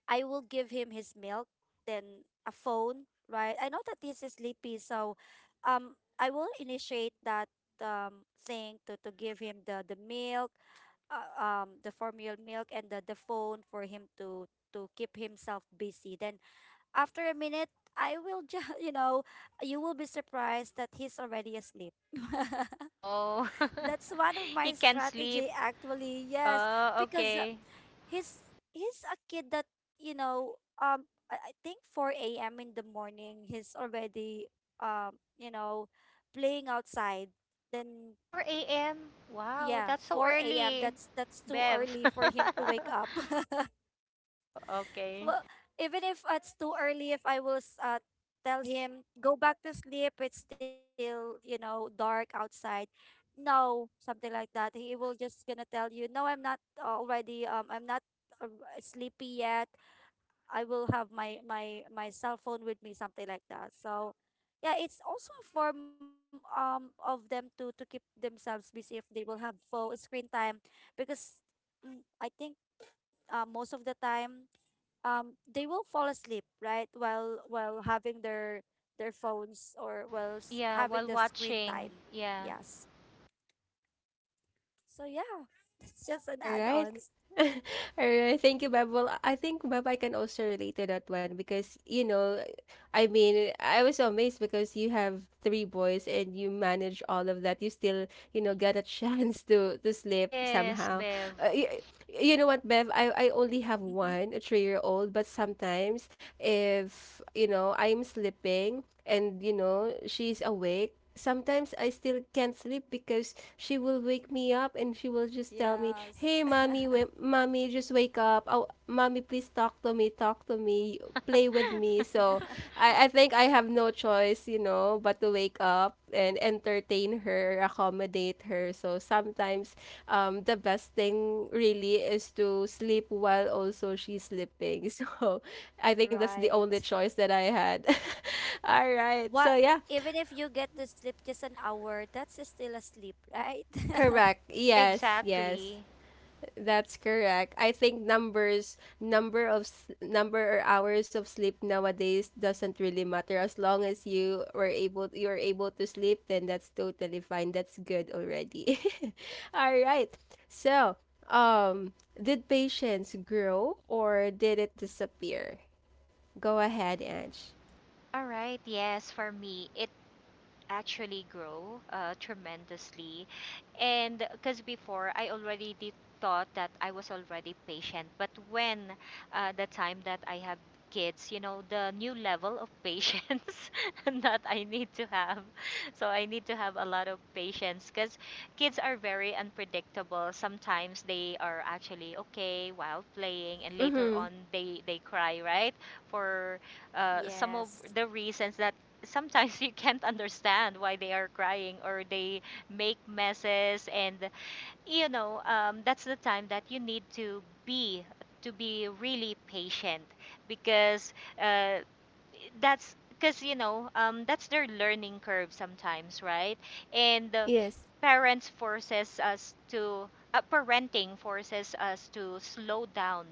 B: I will give him his milk, then a phone, right? I know that he's sleepy, so I will initiate that thing to give him the milk, the formula milk and the phone for him to keep himself busy. Then after a minute, I will just, you know, you will be surprised that he's already asleep.
C: Oh.
B: That's one of
C: He
B: my
C: can sleep.
B: strategy actually. Yes,
C: Oh,
B: because
C: okay.
B: he's he's a kid that, you know, I think 4 a.m. in the morning he's already, you know, playing outside. Then
C: 4 a.m.? Wow,
B: yeah,
C: that's so
B: 4 a.m.
C: early,
B: That's too
C: Bev.
B: early for him to wake up.
C: Oh, okay.
B: Well, even if it's too early, if I will, tell him go back to sleep, it's still, you know, dark outside. No, something like that. He will just gonna tell you, no, I'm not already. I'm not uh, sleepy yet. I will have my cell phone with me, something like that. So. Yeah, it's also a form of them to keep themselves busy if they will have full screen time, because mm, I think most of the time they will fall asleep, right, while having their phones, or while
C: Yeah, while
B: having the screen
C: watching.
B: time.
C: Yeah.
B: Yes, so yeah, it's just an add-on.
C: Yes, Bev.
B: yes, right. What, even if you get to sleep just an hour, that's still a sleep, right?
C: Exactly. All right. Yes, for me, it actually grow tremendously. And because before I already did thought that I was already patient, but when the time that I have kids, you know, the new level of patience that I need to have. So I need to have a lot of patience because kids are very unpredictable. Sometimes they are actually okay while playing, and later on they cry, right? For some of
B: yes,
C: the reasons that sometimes you can't understand why they are crying, or they make messes and, you know, that's the time that you need to be really patient, because uh, that's because, you know, that's their learning curve sometimes, right? And parents forces us to parenting forces us to slow down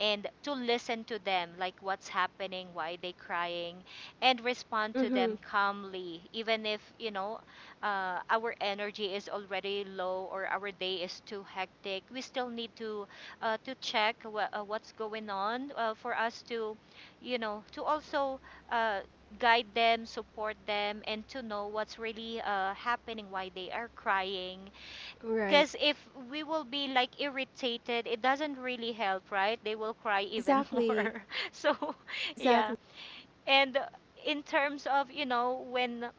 C: and to listen to them, like what's happening, why they crying, and respond to them calmly. Even if, you know, our energy is already low or our day is too hectic, we still need to, to check what's going on, for us to, you know, to also, uh, guide them, support them, and to know what's really happening, why they are crying. Because if we will be like irritated, it doesn't really help, right? They will cry even more. So, yeah. And in terms of, you know, when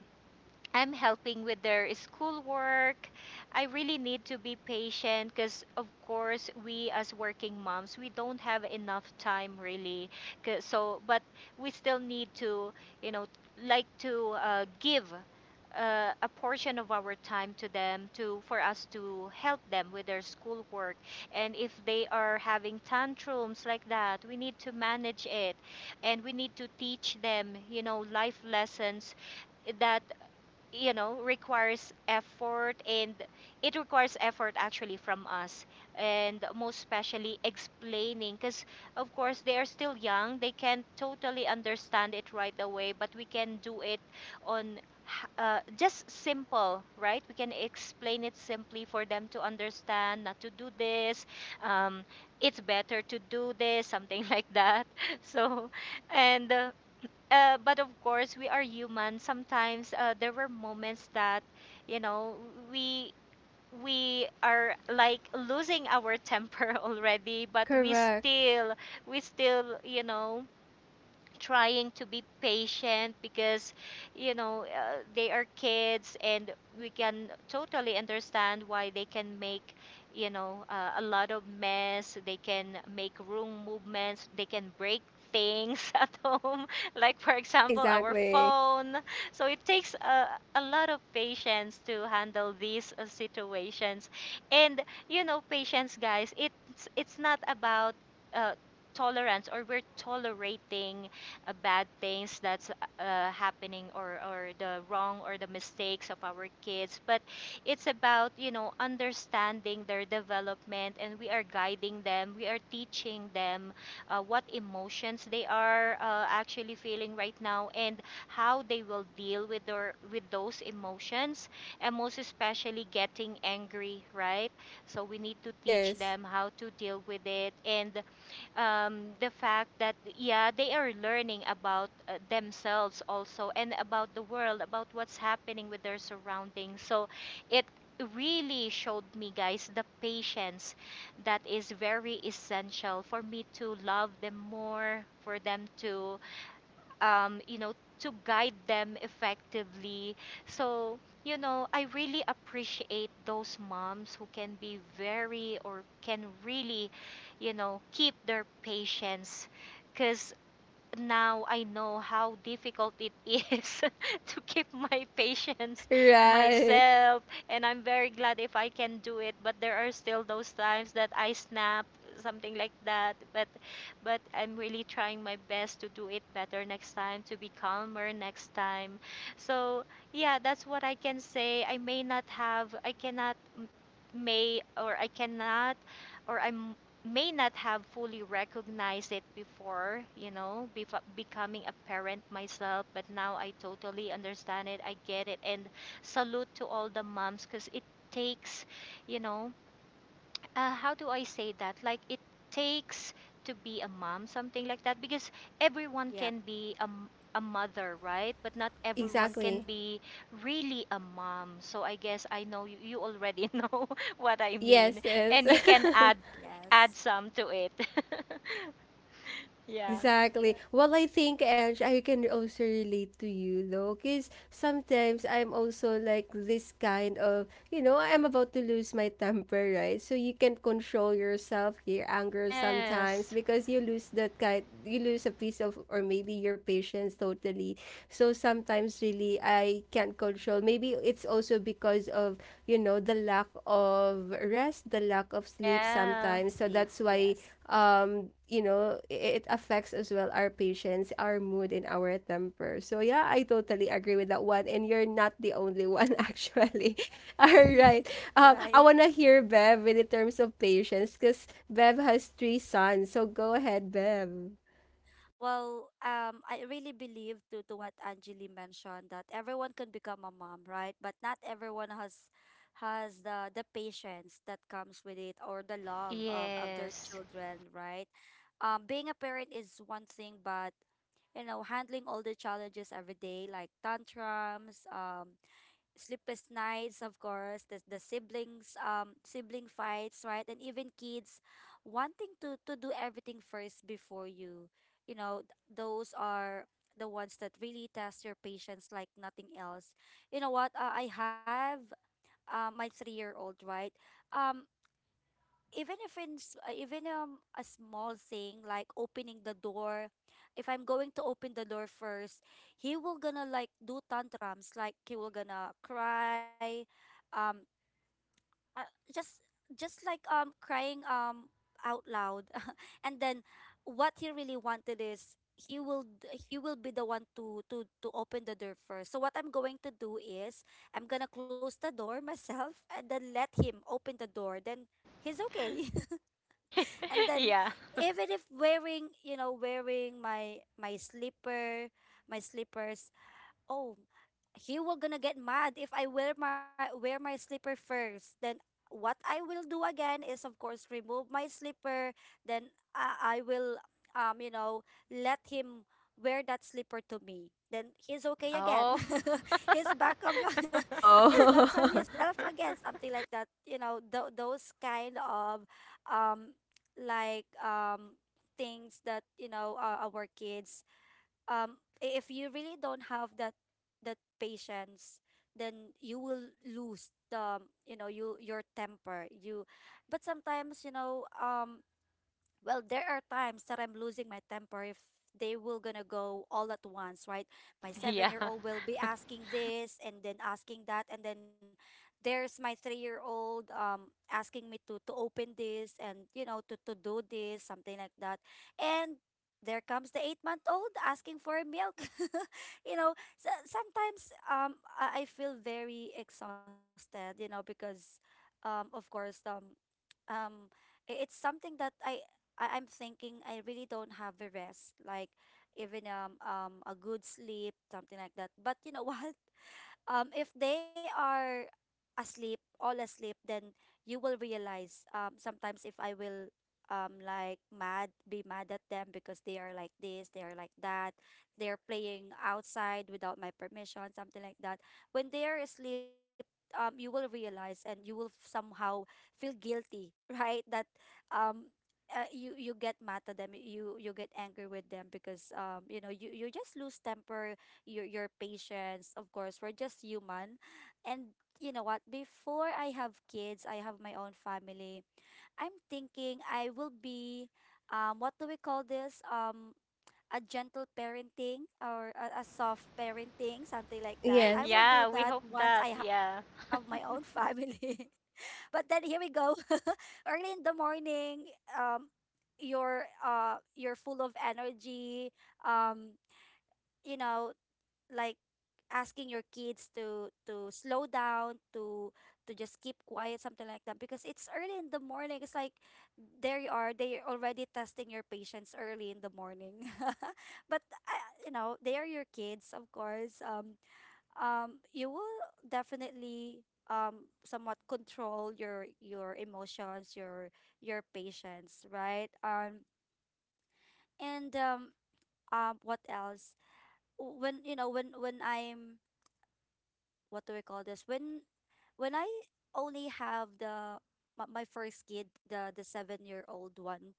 C: I'm helping with their schoolwork, I really need to be patient because, of course, we as working moms, we don't have enough time really. 'Cause- So, but we still need to, you know, like to give a portion of our time to them, to for us to help them with their schoolwork. And if they are having tantrums like that, we need to manage it, and we need to teach them, you know, life lessons that, you know, requires effort, and it requires effort actually from us, and most especially explaining, because of course they are still young, they can't totally understand it right away, but we can do it on just simple, right? We can explain it simply for them to understand, not to do this, um, it's better to do this, something like that. So, and but of course we are human. Sometimes there were moments that, you know, we we are like losing our temper already, but we still, we still you know, trying to be patient, because, you know, they are kids, and we can totally understand why they can make, you know, a lot of mess, they can make room movements, they can break things at home, like for example our phone. So it takes a lot of patience to handle these situations. And, you know, patience guys, it's not about, uh, tolerance, or we're tolerating bad things that's happening, or the wrong or the mistakes of our kids, but it's about, you know, understanding their development, and we are guiding them, we are teaching them what emotions they are actually feeling right now, and how they will deal with their with those emotions, and most especially getting angry, right? So we need to teach them how to deal with it. And, the fact that, yeah, they are learning about themselves also, and about the world, about what's happening with their surroundings. So it really showed me, guys, the patience that is very essential for me to love them more, for them to, you know, to guide them effectively. So, you know, I really appreciate those moms who can be very, or can really, you know, keep their patience, because now I know how difficult it is to keep my patience myself, and I'm very glad if I can do it. But there are still those times that I snap, something like that. But I'm really trying my best to do it better next time, to be calmer next time. So yeah, that's what I can say. I may not have, I cannot m- may or I cannot or I'm may not have fully recognized it before, you know, before becoming a parent myself, but now I totally understand it. I get it. And salute to all the moms, because it takes, you know, how do I say that? Like it takes to be a mom, something like that, because everyone
B: yep,
C: can be a, a mother, right? But not everyone
B: yes,
C: can be really a mom. So I guess I know you, you already know what I mean, and you can add
B: yes,
C: some to it. Yeah. Yes. Yeah.
B: sleep, yes, right. Well, I really believe to what Anjali mentioned, that everyone can become a mom, right? But not everyone has the patience that comes with it, or the love of their
C: Yes.
B: children, right? Being a parent is one thing, but you know, handling all the challenges every day, like tantrums, sleepless nights, of course the siblings, sibling fights, right? And even kids wanting to do everything first before you, you know, those are the ones that really test your patience like nothing else. You know what, I have, my 3 year old, right? um Even if in even a small thing like opening the door, if I'm going to open the door first, he will gonna like do tantrums, like he will gonna cry, um uh, just just like crying out loud. and then what he really wanted is, he will he will be the one to open the door first. So what I'm going to do is, I'm gonna close the door myself and then let him open the door, then he's okay. and then
C: Yeah.
B: even if wearing, you know, wearing my slippers. Oh, he will gonna get mad if I wear my slipper first. Then what I will do again is, of course, remove my slipper. Then I will, you know, let him wear that slipper to me. Then he's okay again.
C: Oh.
B: he's back of, he's back from himself again. Something like that. You know, those kind of um like things that, you know, our kids, um if you really don't have that that patience, then you will lose the, you know, you your temper, you, but sometimes you know, well, there are times that I'm losing my temper if they will gonna go all at once, right? My seven
C: Yeah.
B: year old will be asking this and then asking that, and then there's my 3 year old asking me to open this, and you know, to do this, something like that. And there comes the 8 month old asking for milk, you know. So sometimes I feel very exhausted, you know, because of course um I- it's something that I I'm thinking I really don't have the rest, like even a good sleep, something like that. But you know what, if they are asleep, all asleep, then you will realize, sometimes if I will, like, mad, be mad at them because they are like this, they are like that, they're playing outside without my permission, something like that. When they are asleep, you will realize and you will somehow feel guilty, right? That um, you you get mad at them, you get angry with them because you know, you just lose temper, your patience. Of course, we're just human. And you know what? Before I have kids, I have my own family. I'm thinking I will be what do we call this? A gentle parenting, or a soft parenting, something like that. I will do
C: Yeah, we
B: that
C: hope
B: once
C: that.
B: I have my
C: Yeah.
B: own family. But then here we go. Early in the morning, um you're full of energy, um you know, like asking your kids to slow down, to just keep quiet, something like that, because it's early in the morning, it's like, there you are, they are already testing your patience early in the morning. but I, you know, they are your kids, of course, you will definitely somewhat control your emotions, your patience, right? And What else? When you know, when I'm what do we call this, when I only have the my, my first kid, the 7 year old one,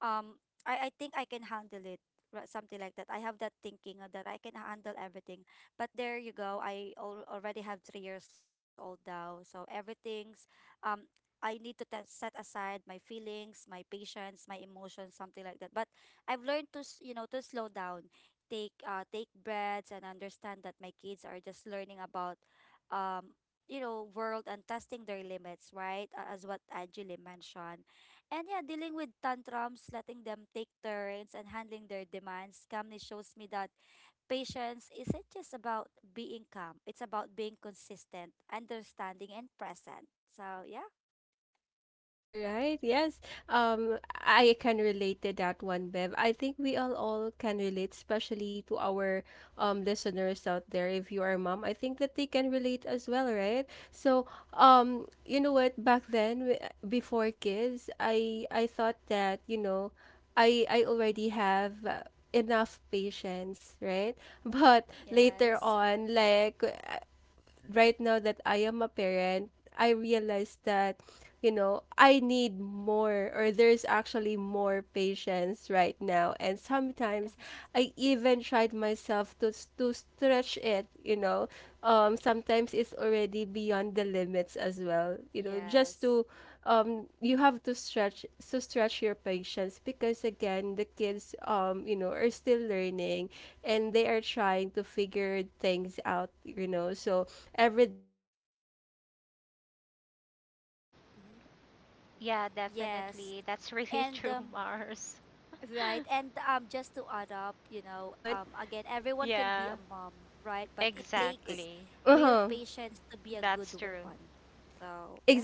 B: um I think I can handle it, something like that. I have that thinking, that I can handle everything. But there you go, I already have 3 years old now, so everything's um I need to set aside my feelings, my patience, my emotions, something like that. But I've learned to you know, to slow down, take take breaths and understand that my kids are just learning about um you know, world and testing their limits, right? A- as what Angeli mentioned. And yeah, dealing with tantrums, letting them take turns, and handling their demands calmly shows me that patience isn't just about being calm, it's about being consistent, understanding, and present. So, yeah. Yes. Yes. Yes. Mhm.
C: Yeah,
B: Yes.
C: definitely. That's really
B: And,
C: true, Mars.
B: right. And, just to add up, you know, again, everyone can be
C: Yeah,
B: a mom, right? But it takes
C: exactly.
B: real patience to be a
C: That's
B: good
C: true.
B: one. So, yeah.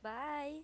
B: Bye.